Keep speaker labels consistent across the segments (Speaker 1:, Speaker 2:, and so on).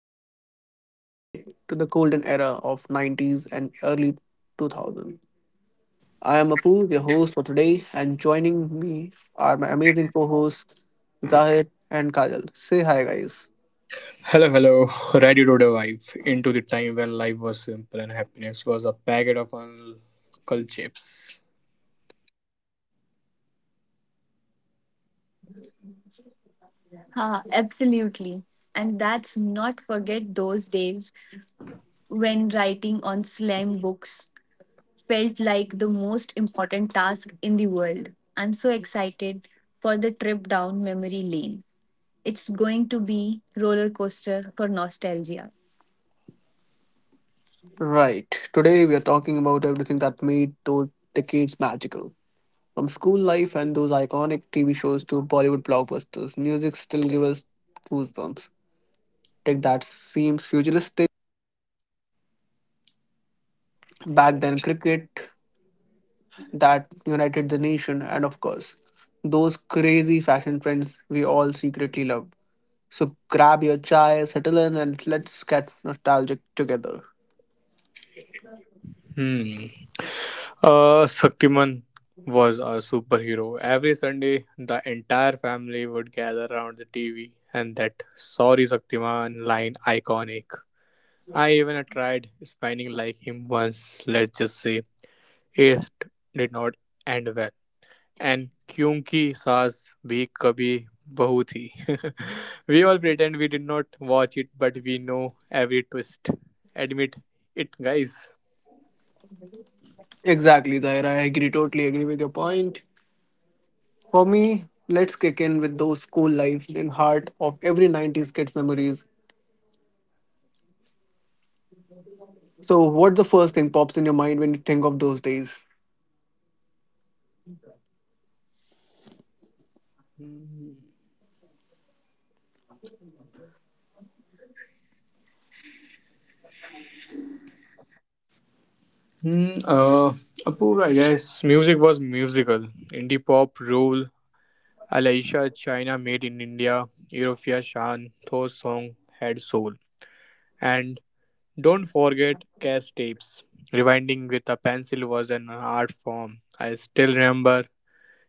Speaker 1: show where we rewind to the golden era of 90s and early 2000s. I am Apu, your host for today, and joining me are my amazing co-hosts Zahir and Kajal. Say hi, guys.
Speaker 2: Hello, hello. Ready to dive into the time when life was simple and happiness was a packet of uncle chips.
Speaker 1: Ah, absolutely. And that's not forget those days when writing on slam books felt like the most important task in the world. I'm so excited for the trip down memory lane. It's going to be roller coaster for nostalgia. Right. Today we are talking about everything that made those decades magical. From school life and those iconic TV shows to Bollywood blockbusters, music still gives us goosebumps. Tech that seems futuristic. Back then, cricket that united the nation, and of course, those crazy fashion trends we all secretly loved. So grab your chai, settle in, and let's get nostalgic together.
Speaker 2: Hmm. Shaktiman was a superhero. Every Sunday, the entire family would gather around the TV, and that sorry Shaktiman line iconic. I even tried spinning like him once, let's just say. It did not end well. And kyunki saas bhi kabhi bahu thi, we all pretend we did not watch it, but we know every twist. Admit it, guys.
Speaker 1: Exactly, Zaira. I agree, totally agree with your point. For me, let's kick in with those school lives in heart of every 90s kids' memories. So, what's the first thing pops in your mind when you think of those days?
Speaker 2: Hmm, uh, Apoorv, I guess music was musical. Indie pop, rule, Alaisha, China, made in India, Eurofia, Shan, those song had soul. And don't forget cassette tapes. Rewinding with a pencil was an art form. I still remember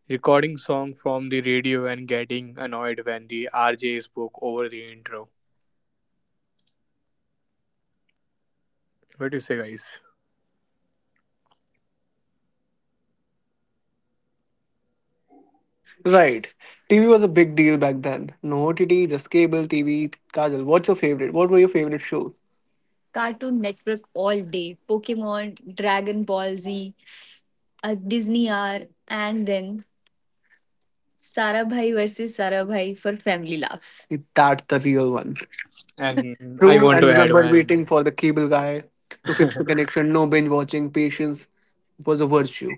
Speaker 2: recording song from the radio and getting annoyed when the RJ spoke over the intro. What do you say, guys?
Speaker 1: Right. TV was a big deal back then. No OTT, just cable TV. Kajal, what's your favorite? What were your favorite shows? Cartoon Network all day, Pokemon, Dragon Ball Z, a Disney hour, and then Sarabhai versus Sarabhai for family laughs. That's the real one.
Speaker 2: And I
Speaker 1: True,
Speaker 2: want
Speaker 1: and
Speaker 2: to add
Speaker 1: remember
Speaker 2: one.
Speaker 1: waiting for the cable guy to fix the connection. No binge watching. Patience was a virtue.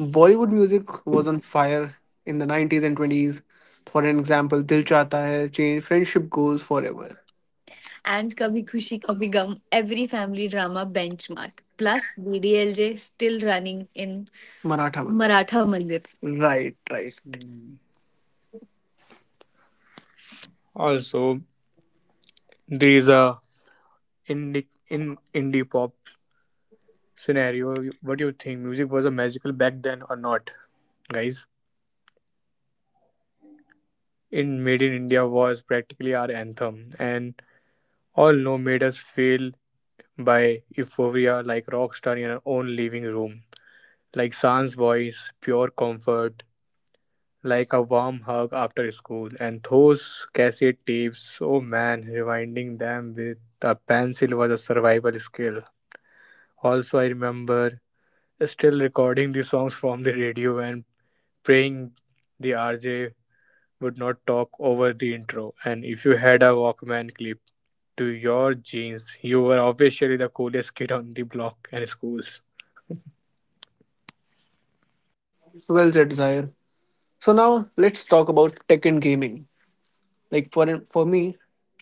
Speaker 1: Bollywood music was on fire in the 90s and 20s. For an example, Dil Chahta Hai changed friendship goes forever, and Kabhi Khushi Kabhi Gum, every family drama benchmark. Plus, BDLJ still running in Maratha Mandir. Maratha Mandir. Right, right.
Speaker 2: Mm. Also, there is a indie in indie pop scenario. What do you think? Music was a magical back then or not, guys? In Made in India was practically our anthem, and all know made us feel by euphoria like rock star in our own living room. Like Sans voice, pure comfort, like a warm hug after school. And those cassette tapes, oh man, rewinding them with a pencil was a survival skill. Also, I remember still recording the songs from the radio and praying the RJ would not talk over the intro. And if you had a Walkman clip to your jeans, you were officially the coolest kid on the block and schools.
Speaker 1: Well said, Zahir. So now let's talk about tech and gaming. Like for me,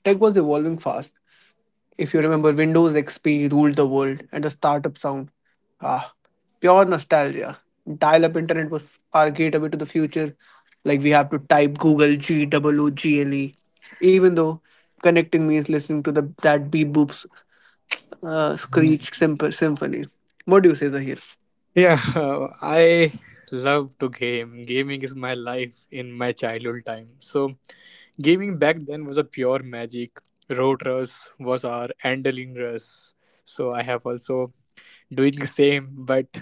Speaker 1: tech was evolving fast. If you remember, Windows XP ruled the world and the startup sound. Ah, pure nostalgia. Dial up internet was our gateway to the future. Like we have to type Google G double OOGLE. Even though connecting means listening to the that beep boops
Speaker 2: Mhm.
Speaker 1: screech simple symphony. What do you say,
Speaker 2: Yeah, I love to game. Gaming is my life in my childhood time. So gaming back then was a pure magic. Road rush was our handling rush. So I have also doing the same, but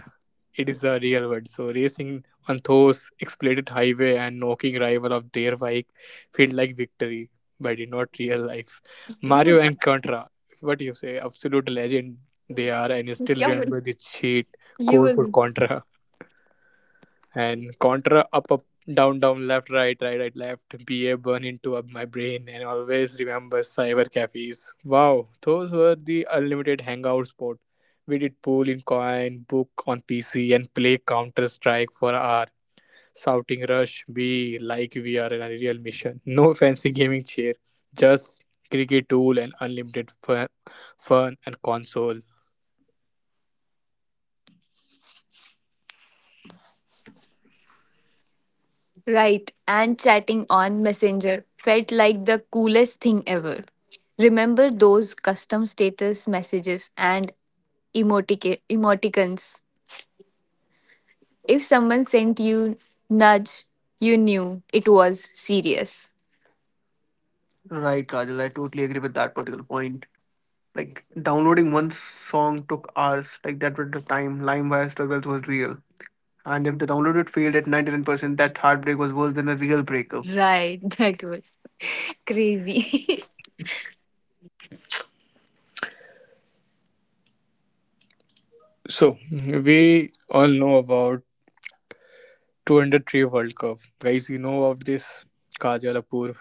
Speaker 2: it is the real world. So racing on those exploited highway and knocking rival of their bike felt like victory, but in not real life. Mario
Speaker 1: Zahir?
Speaker 2: and Contra, what do you say? Absolute legend they are, and I still remember the cheat code for Contra. And contra up up down down left right right right left ba burn into up my brain. And always remember cyber cafes. Wow, those were the unlimited hangout spot. We did pool in coin book on pc and play counter strike for an hour, shouting rush b like we are in a real mission. No fancy gaming chair, just cricket tool and unlimited fun and console.
Speaker 1: Right, and chatting on Messenger felt like the coolest thing ever. Remember those custom status messages and emoticons? If someone sent you nudge, you knew it was serious. Right, Kajal, I totally agree with that particular point. Like downloading one song took hours. Like that with the time LimeWire struggles was real. And if the downloaded failed at 99%, that heartbreak was worse than a real breakup. Right, that was crazy.
Speaker 2: So we all know about 2003 World Cup. Guys, you know of this Kajal Apoor.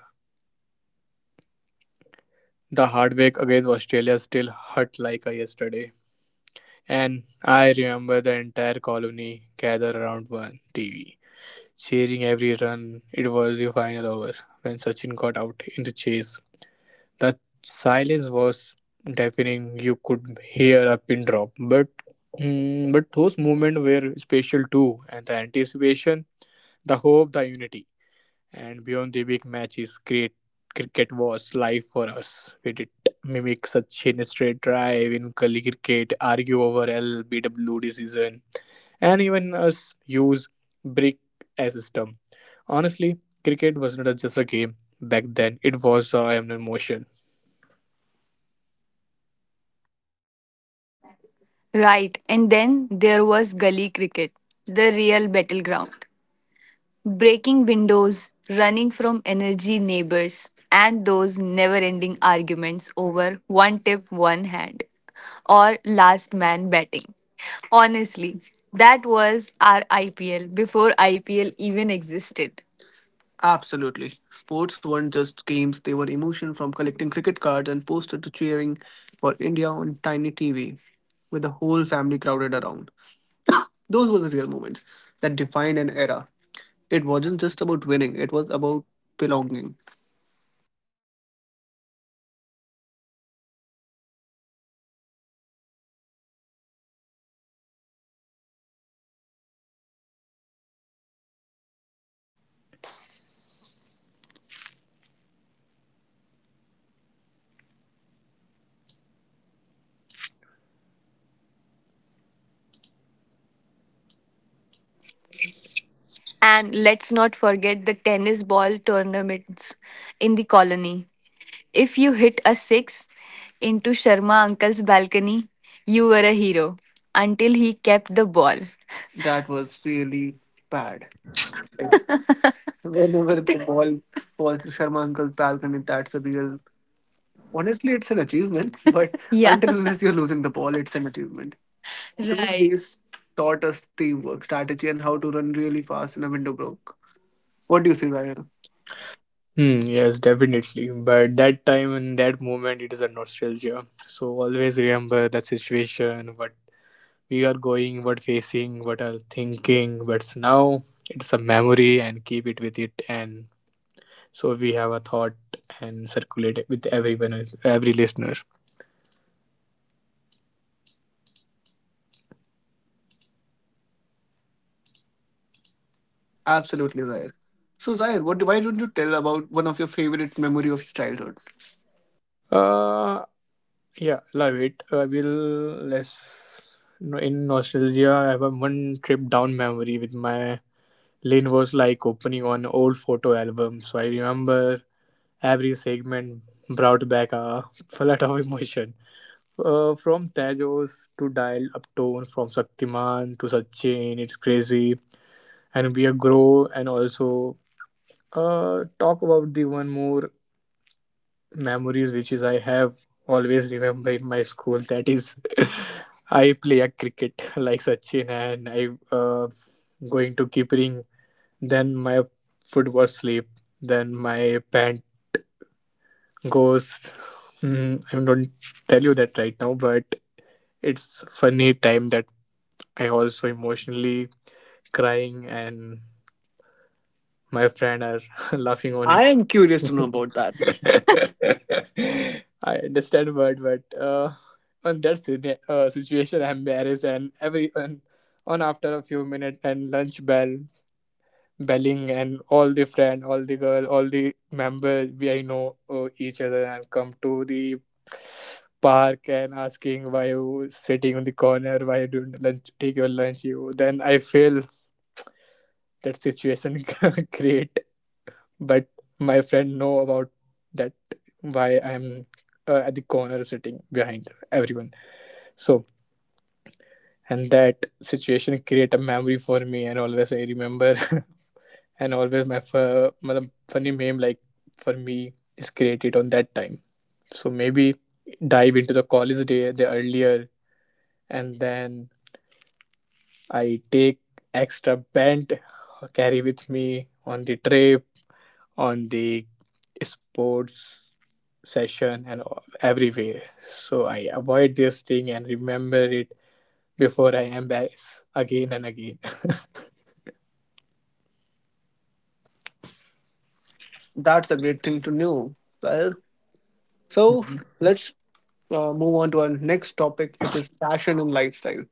Speaker 2: The heartbreak against Australia still hurt like a yesterday. And I remember the entire colony gathered around one TV, cheering every run. It was the final over when Sachin got out in the chase. The silence was deafening. You could hear a pin drop. But those moments were special too, and the anticipation, the hope, the unity. And beyond the big matches, great cricket was life for us. We did mimic Sachin straight drive in Kali cricket, argue over LBW decision, and even us use brick as a stump. Honestly, cricket was not just a game back then; it was an emotion.
Speaker 1: Right, and then there was gully cricket, the real battleground. Breaking windows, running from energy neighbors, and those never ending arguments over one tip, one hand, or last man batting. Honestly, that was our IPL before IPL even existed. Absolutely. Sports weren't just games, they were emotion from collecting cricket cards and posters to cheering for India on tiny TV with the whole family crowded around. Those were the real moments that defined an era. It wasn't just about winning, it was about belonging. And let's not forget the tennis ball tournaments in the colony. If you hit a six into Sharma uncle's balcony, you were a hero until he kept the ball. That was really bad. Like, whenever the ball falls to Sharma uncle's balcony, that's a real. Honestly, it's an achievement, but yeah, until unless you're losing the ball, it's an achievement. Two right. Days taught us teamwork, strategy, and how to run really fast in a window broke. What do you say, Zaire?
Speaker 2: Hmm, yes, definitely. But that time and that moment, it is a nostalgia. So always remember that situation, what we are going, what facing, what are thinking, but now it's a memory and keep it with it, and so we have a thought and circulate it with everyone, every listener.
Speaker 1: Absolutely, Zaire. So, Zaire, what, why don't you tell about one of your favorite memory of your childhood?
Speaker 2: Uh yeah, love it. I will let's no- In nostalgia I have a one trip down memory with my lane, was like opening on old photo album. So I remember every segment brought back a flood of emotion. From Tejos to Dial Uptown, from Shaktiman to Sachin, it's crazy. And we are grow, and also talk about the one more memories, which is I have always remember in my school. That is, I play a cricket like Sachin, and I uh, going to keep. Then my foot was slip. Then my pant goes. Hmm, I don't tell you that right now, but it's funny time that I also emotionally crying and my friend are laughing on me.
Speaker 1: I am curious to know about that.
Speaker 2: I understand, but on that situation I'm embarrassed, and every and on after a few minutes, and lunch bell belling, and all the friend, all the girl, all the members, we I know each other and come to the park and asking why you sitting on the corner, why you don't lunch, take your lunch you, then I feel that situation create, but my friend know about that, why I'm at the corner sitting behind everyone, so and that situation create a memory for me, and always I remember. And always my funny meme like for me is created on that time, so maybe dive into the college day the earlier, and then I take extra band carry with me on the trip on the sports session and everywhere. So I avoid this thing and remember it before I embarrass again and again.
Speaker 1: That's a great thing to know. Well, so let's move on to our next topic, which is fashion and lifestyle.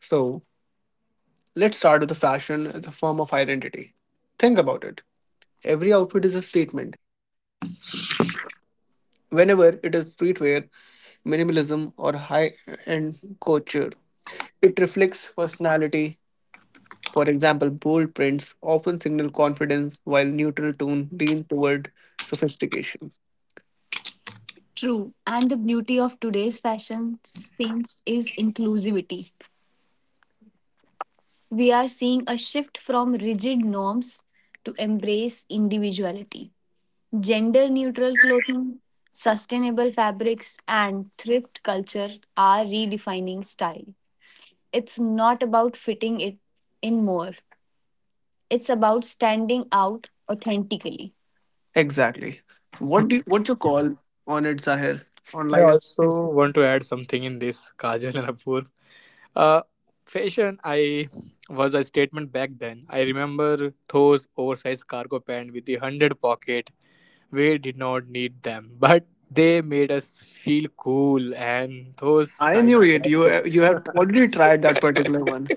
Speaker 1: So let's start with the fashion as a form of identity. Think about it. Every outfit is a statement. Whenever it is streetwear, minimalism, or high end couture, it reflects personality. For example, bold prints often signal confidence, while neutral tone lean toward sophistication. True. And the beauty of today's fashion scenes is inclusivity. We are seeing a shift from rigid norms to embrace individuality. Gender neutral clothing, sustainable fabrics, and thrift culture are redefining style. It's not about fitting it in more, it's about standing out authentically. Exactly. What you call on it, Sahir? On
Speaker 2: I
Speaker 1: lives
Speaker 2: also want to add something in this, Kajal and Apoorv. Uh, Fashion, I was a statement back then. I remember those oversized cargo pants with the hundred pocket. We did not need them, but they made us feel cool. And those
Speaker 1: I knew
Speaker 2: shiny
Speaker 1: it.
Speaker 2: belts,
Speaker 1: You have already tried that particular one.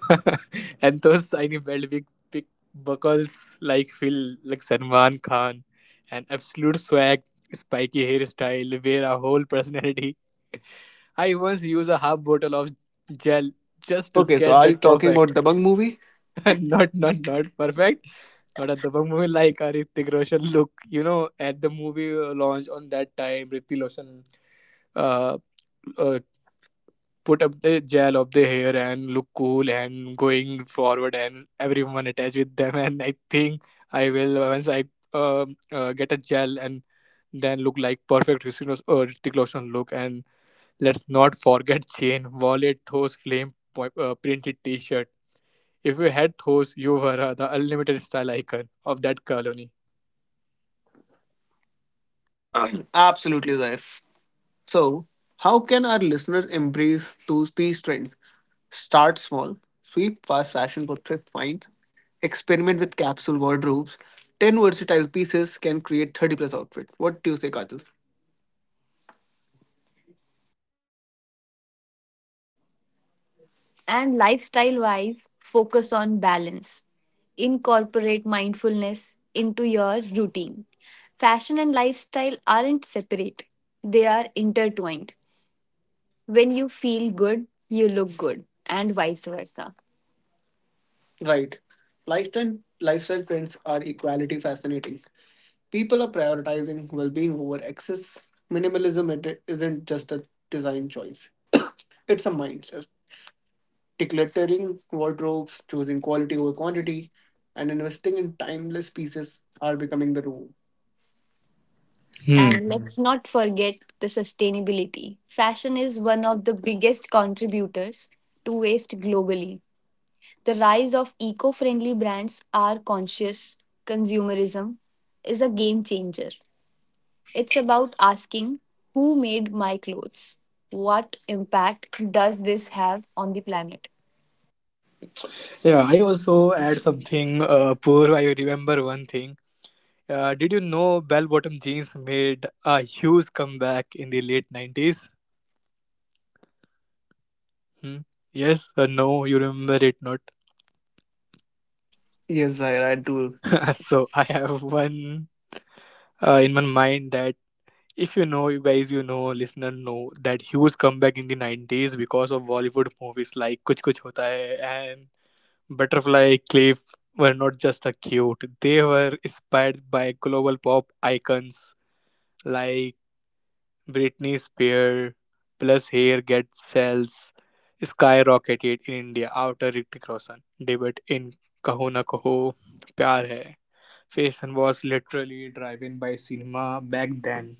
Speaker 2: and those shiny belt big buckles like Phil, like Salman Khan, and absolute swag, spiky hairstyle, wear a whole personality. I once used a half bottle of gel just to
Speaker 1: Okay, so
Speaker 2: get
Speaker 1: are you
Speaker 2: that
Speaker 1: talking about
Speaker 2: perfect.
Speaker 1: Dabang movie?
Speaker 2: Not perfect. Not at the movie, like a Ritik Roshan look. You know, at the movie launch on that time, Ritik Roshan uh, uh, put up the gel of the hair and look cool and going forward, and everyone attached with them. And I think I will once I get a gel and then look like perfect Ritik Roshan look. And let's not forget chain, wallet, those flame printed t-shirt. If you had those, you were the unlimited style icon of that colony.
Speaker 1: Absolutely, Zair. So, how can our listeners embrace those these trends? Start small, sweep fast fashion for thrift finds, experiment with capsule wardrobes. Ten versatile pieces can create 30 plus outfits. What do you say, Kajal? And lifestyle wise, focus on balance. Incorporate mindfulness into your routine. Fashion and lifestyle aren't separate, they are intertwined. When you feel good, you look good, and vice versa. Right. Lifestyle trends are equally fascinating. People are prioritizing well-being over excess. Minimalism it isn't just a design choice. It's a mindset. Decluttering wardrobes, choosing quality over quantity, and investing in timeless pieces are becoming the rule.
Speaker 2: Hmm.
Speaker 1: And let's not forget the sustainability. Fashion is one of the biggest contributors to waste globally. The rise of eco friendly brands are conscious consumerism is a game changer. It's about asking who made my clothes? What impact does this have on the planet?
Speaker 2: Yeah, I also add something. Poor, I remember one thing. Did you know bell-bottom jeans made a huge comeback in the late nineties? Hmm? Yes or no? You remember it not?
Speaker 1: Yes, Zaira, I do.
Speaker 2: So I have one in my mind that if you guys, listener know that huge comeback in the 90s because of Bollywood movies like Kuch Kuch Hota Hai, and Butterfly Cliff were not just a cute, they were inspired by global pop icons like Britney Spears, plus hair get sales skyrocketed in India after Ritik Roshan debut in Kaho Na Kaho Pyar Hai. Fashion was literally driven by cinema back then.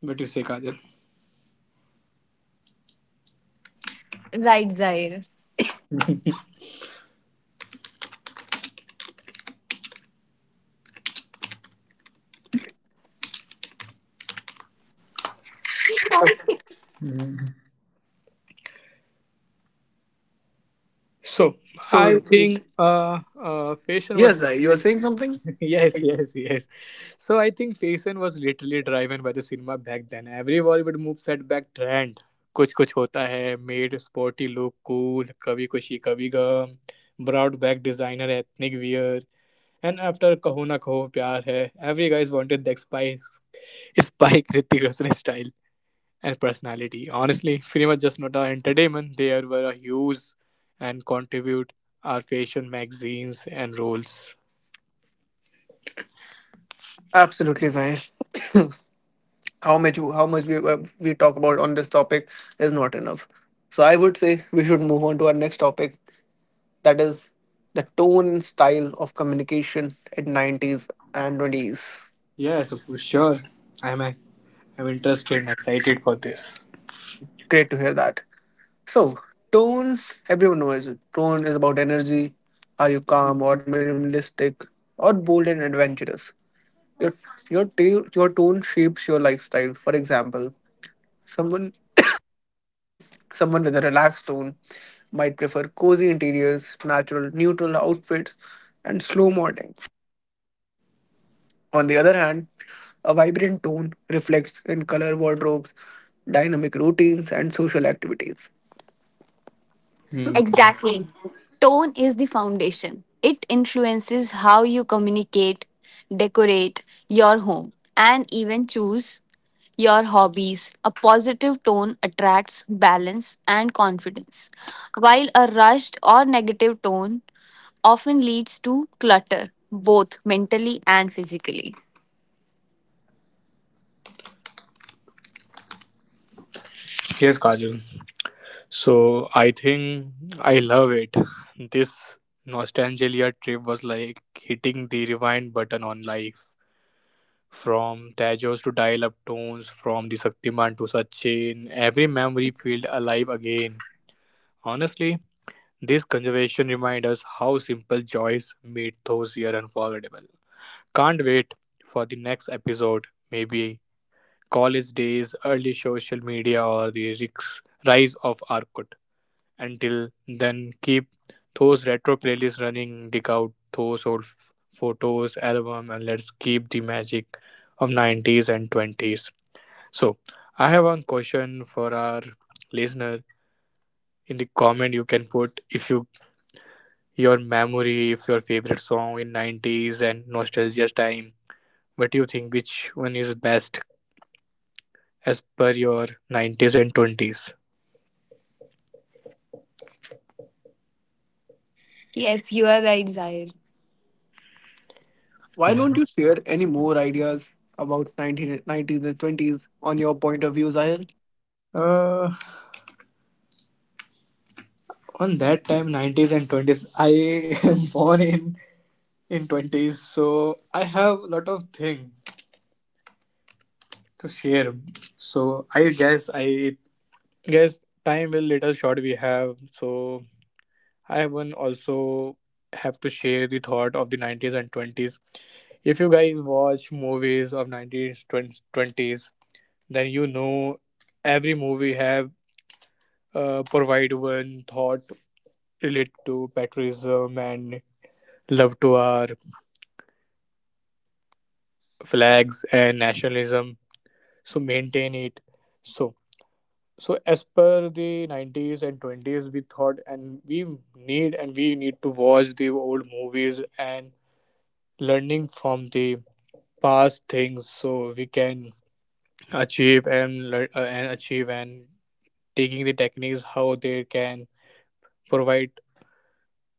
Speaker 2: What do you say, Kajal?
Speaker 1: Right, Zaire.
Speaker 2: Mm. So I
Speaker 1: So
Speaker 2: think fashion was
Speaker 1: yes, Zai, you are
Speaker 2: literally,
Speaker 1: saying something.
Speaker 2: yes, yes, yes. So I think fashion was literally driven by the cinema back then. Every Bollywood move set back trend. कुछ कुछ होता है made sporty look cool, Kabhi Khushi Kabhi Gham brought back designer ethnic wear, and after Kaho Naa Kaho Pyaar Hai every guys wanted the spice spike Hrithik Roshan style and personality. Honestly, film cinema just not an entertainment. There were a huge and contribute our fashion magazines and roles.
Speaker 1: Absolutely, Zahir. How much we talk about on this topic is not enough. So I would say we should move on to our next topic that is the tone and style of communication in 90s and 20s.
Speaker 2: Yes, for sure. I'm interested and excited for this.
Speaker 1: Great to hear that. So tones, everyone knows it. Tone is about energy. Are you calm or minimalistic or bold and adventurous? Your your tone shapes your lifestyle. For example, Someone someone with a relaxed tone might prefer cozy interiors, natural neutral outfits, and slow mornings. On the other hand, a vibrant tone reflects in color wardrobes, dynamic routines, and social activities.
Speaker 2: Hmm.
Speaker 1: Exactly. Tone is the foundation. It influences how you communicate, decorate your home, and even choose your hobbies. A positive tone attracts balance and confidence, while a rushed or negative tone often leads to clutter, both mentally and physically.
Speaker 2: Yes, Kajal. So I think I love it. This nostalgia trip was like hitting the rewind button on life. From Tajos to dial up tones, from the Shaktiman to Sachin, every memory felt alive again. Honestly, this conversation reminds us how simple joys made those years unforgettable. Can't wait for the next episode. Maybe college days, early social media, or the rise of Orkut. Until then, keep those retro playlists running. Dig out those old photos, album, and let's keep the magic of 90s and 20s. So, I have one question for our listener in the comment, you can put if your memory of your favorite song in 90s and nostalgia time, what do you think which one is best as per your 90s and 20s.
Speaker 1: Yes, you are right, Zahir. Why don't
Speaker 2: Mhm.
Speaker 1: you share any more ideas about 1990s and 20s on your point of view, Zahir?
Speaker 2: uh, on that time 90s and 20s, I am born in 20s, so I have a lot of things to share, so I guess time will little short we have, so I one also have to share the thought of the 90s and 20s. If you guys watch movies of 90s, 20s, then you know every movie have provide one thought related to patriotism and love to our flags and nationalism. So maintain it. So so as per the 90s and 20s, we thought and we need to watch the old movies and learning from the past things, so we can achieve and and achieve and taking the techniques how they can provide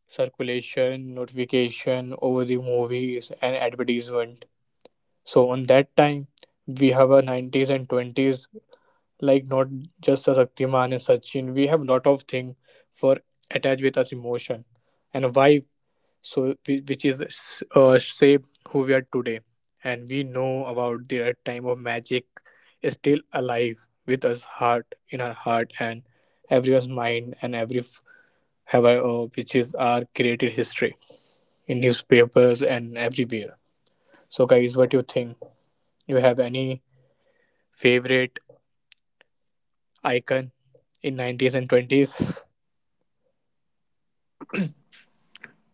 Speaker 2: circulation notification over the movies and advertisement. So on that time we have a 90s and 20s, like not just a Shaktiman and Sachin, we have lot of thing for attached with us emotion and a vibe, so which is shape who we are today, and we know about their time of magic is still alive with us heart in our heart and everyone's mind, and however, which is our created history in newspapers and everywhere. So, guys, what do you think? You have any favorite icon in 90s and 20s?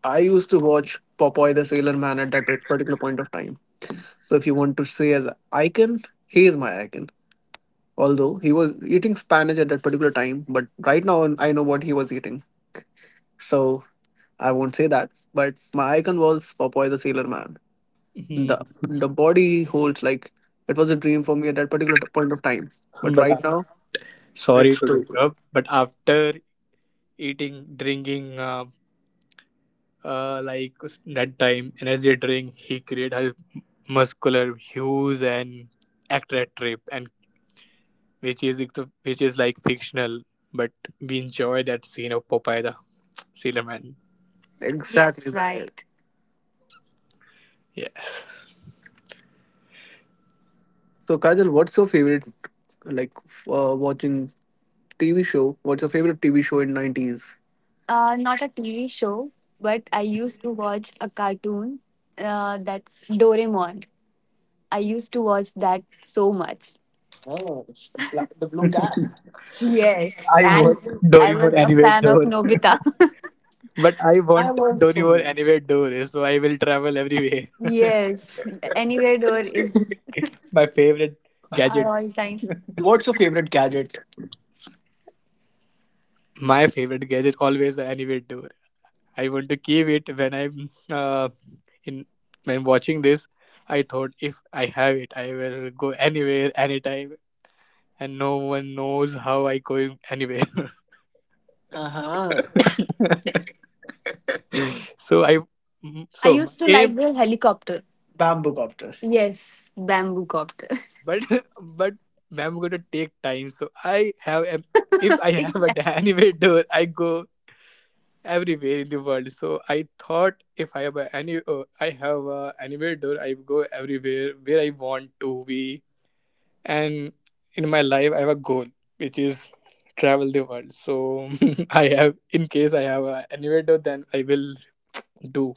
Speaker 1: I used to watch Popeye the Sailor Man at that particular point of time. So if you want to say as icon, he is my icon. Although he was eating Spanish at that particular time, but right now I know what he was eating. So I won't say that. But my icon was Popeye the Sailor Man.
Speaker 2: Mhm.
Speaker 1: The the body holds like it was a dream for me at that particular point of time. But
Speaker 2: but
Speaker 1: right
Speaker 2: uh,
Speaker 1: now
Speaker 2: sorry
Speaker 1: it's
Speaker 2: to
Speaker 1: too good.
Speaker 2: disturb. But after eating, drinking, like that time energy drink, he created her muscular hues and actor trip, and which is which is like fictional, but we enjoy that scene of Popeye the Sailor Man.
Speaker 1: Exactly. Yes, right.
Speaker 2: Yes.
Speaker 1: So Kajal, what's your favorite like watching TV show? What's your favorite TV show in nineties? Not a TV show, but I used to watch a cartoon that's Doraemon. I used to watch that so much. Oh, like the blue cat. Yes,
Speaker 2: I
Speaker 1: and
Speaker 2: want
Speaker 1: I
Speaker 2: Doraemon
Speaker 1: was a
Speaker 2: anywhere
Speaker 1: fan of
Speaker 2: door.
Speaker 1: Nobita.
Speaker 2: But I
Speaker 1: I
Speaker 2: want
Speaker 1: was
Speaker 2: Doraemon
Speaker 1: Sonia.
Speaker 2: anywhere door, so I will travel everywhere.
Speaker 1: Yes, Anywhere Door is
Speaker 2: My favorite
Speaker 1: our all
Speaker 2: gadgets.
Speaker 1: time. What's your favorite gadget?
Speaker 2: My favorite gadget always an anywhere door. I want to keep it when I'm in when watching this. I thought if I have it, I will go anywhere, anytime, and no one knows how I going anywhere.
Speaker 1: Uh huh.
Speaker 2: So
Speaker 1: I
Speaker 2: so my
Speaker 1: used to like
Speaker 2: aim,
Speaker 1: the helicopter. Bamboo copter. Yes, bamboo copter.
Speaker 2: but but I'm gonna take time. So I have if I have an anime door, I go everywhere in the world. So I thought if I have a anime door, I go everywhere where I want to be. And in my life, I have a goal which is travel the world. So I have in case I have an anime door, then I will do.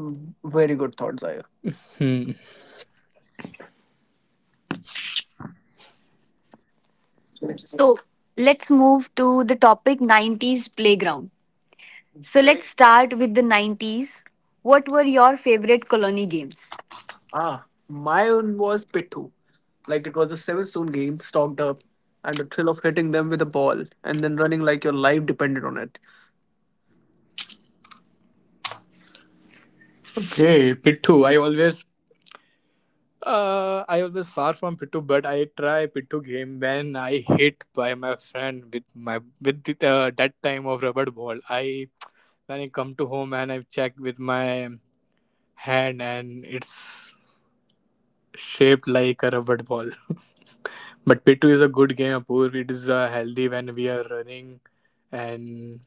Speaker 1: Mm, very good thoughts, Aya.
Speaker 2: Hmm.
Speaker 1: So let's move to the topic 90s playground. So let's start with the 90s. What were your favorite colony games? Ah, my own was Pitu. Like it was a seven stone game, stocked up, and the thrill of hitting them with a ball and then running like your life depended on it.
Speaker 2: Okay, Pittu. I always far from Pitu, but I try Pitu game when I hit by my friend with the, that time of rubber ball. I When I come to home and I check with my hand and it's shaped like a rubber ball. But Pitu is a good game, Apoor. It is healthy when we are running and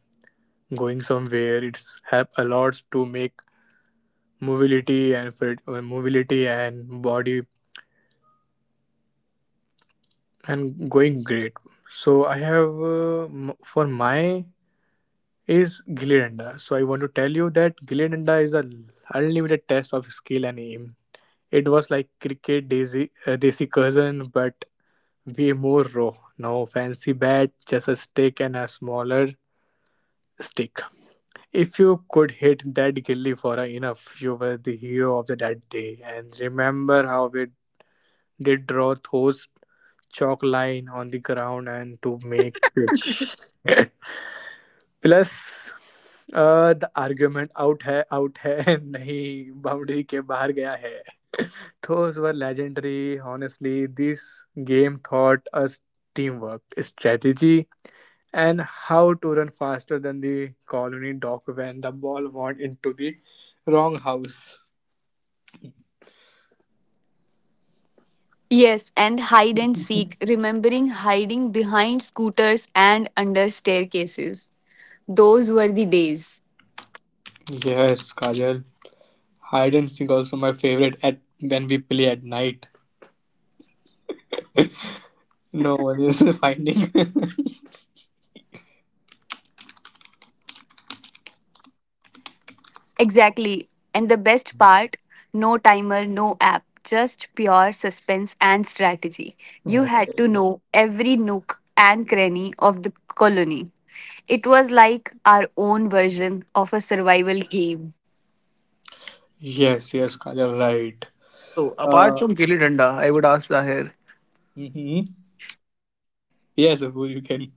Speaker 2: going somewhere. It's help a lot to make mobility and fit, mobility and body and going great. So I have for my is Gilli Danda. So I want to tell you that Gilli Danda is a unlimited test of skill and aim. It was like cricket Daisy Desi cousin, but way more raw. No fancy bat, just a stick and a smaller stick. If you could hit that gilly for a enough, you were the hero of the that day. And remember how we did draw those chalk line on the ground and to make pitch. Plus, the argument out है नहीं boundary के बाहर गया है. Those were legendary. Honestly, this game taught us teamwork, strategy, and how to run faster than the colony dog when the ball went into the wrong house.
Speaker 1: Yes, and hide and seek, remembering hiding behind scooters and under staircases. Those were the days.
Speaker 2: Yes, Kajal. Hide and seek also my favorite at when we play at night. No one is finding.
Speaker 1: Exactly. And the best part no timer, no app, just pure suspense and strategy. You
Speaker 2: Yeah.
Speaker 1: had to know every nook and cranny of the colony. It was like our own version of a survival game.
Speaker 2: Yes, yes, Kajal, right.
Speaker 1: So apart
Speaker 2: Uh,
Speaker 1: from Gilly Danda, I would ask Zahir.
Speaker 2: mm-hmm. Yes, Apoor, you can.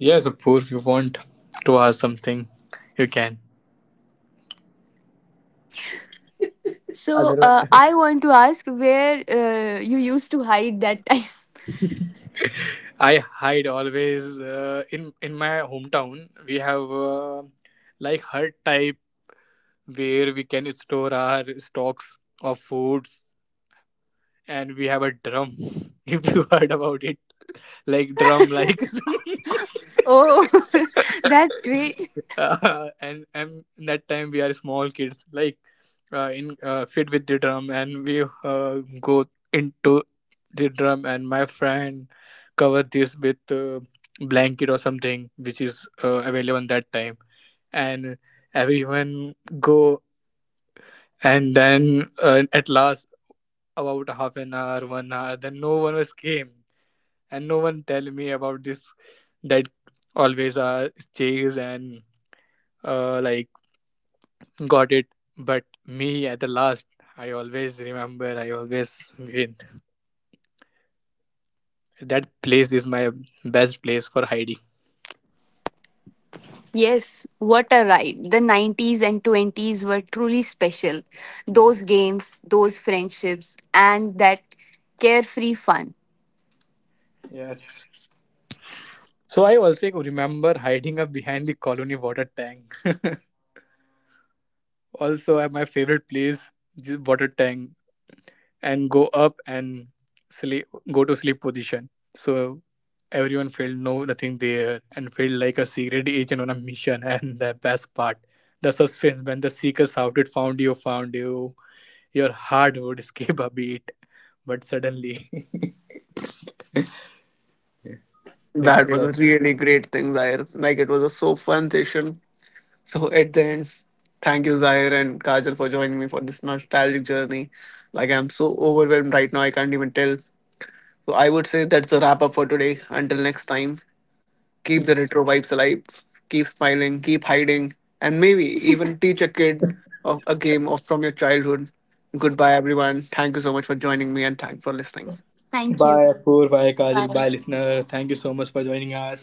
Speaker 2: Yes, Apoor, if you want to ask something, you can.
Speaker 1: So
Speaker 2: Otherwise,
Speaker 1: I want to ask where you used to hide that time.
Speaker 2: I hide always. In my hometown, we have like hut type where we can store our stocks of foods, and we have a drum. If you heard about it. Like drum like
Speaker 1: Oh, that's great.
Speaker 2: and that time we are small kids, like in fit with the drum, and we go into the drum, and my friend cover this with blanket or something which is available on that time, and everyone go, and then at last about half an hour 1 hour, then no one was came and no one tell me about this that always chase and like got it. But me at the last, I always remember, I always win. That place is my best place for hiding.
Speaker 1: Yes, what a ride. The 90s and 20s were truly special.
Speaker 2: Mm.
Speaker 1: Those games, those friendships, and that carefree fun.
Speaker 2: Yes, so I also remember hiding up behind the colony water tank. Also my favorite place this water tank, and go up and sleep go to sleep position, so everyone felt no nothing there and felt like a secret agent on a mission. And the best part, the suspense when the seeker shouted, "Found you, found you!" Your heart would skip a beat, but suddenly they
Speaker 1: That
Speaker 2: got
Speaker 1: was a
Speaker 2: us.
Speaker 1: really great thing, Zaire. Like it was a so fun session. So at the end, thank you, Zaire and Kajal for joining me for this nostalgic journey. Like I'm so overwhelmed right now, I can't even tell. So I would say that's a wrap up for today. Until next time. Keep the retro vibes alive, keep smiling, keep hiding, and maybe even teach a kid of a game of from your childhood. Goodbye, everyone. Thank you so much for joining me, and thanks for listening. Thank you.
Speaker 2: Bye, Poor. Bye, Kajal.
Speaker 1: Bye.
Speaker 2: Bye, listener. Thank you so much for joining us.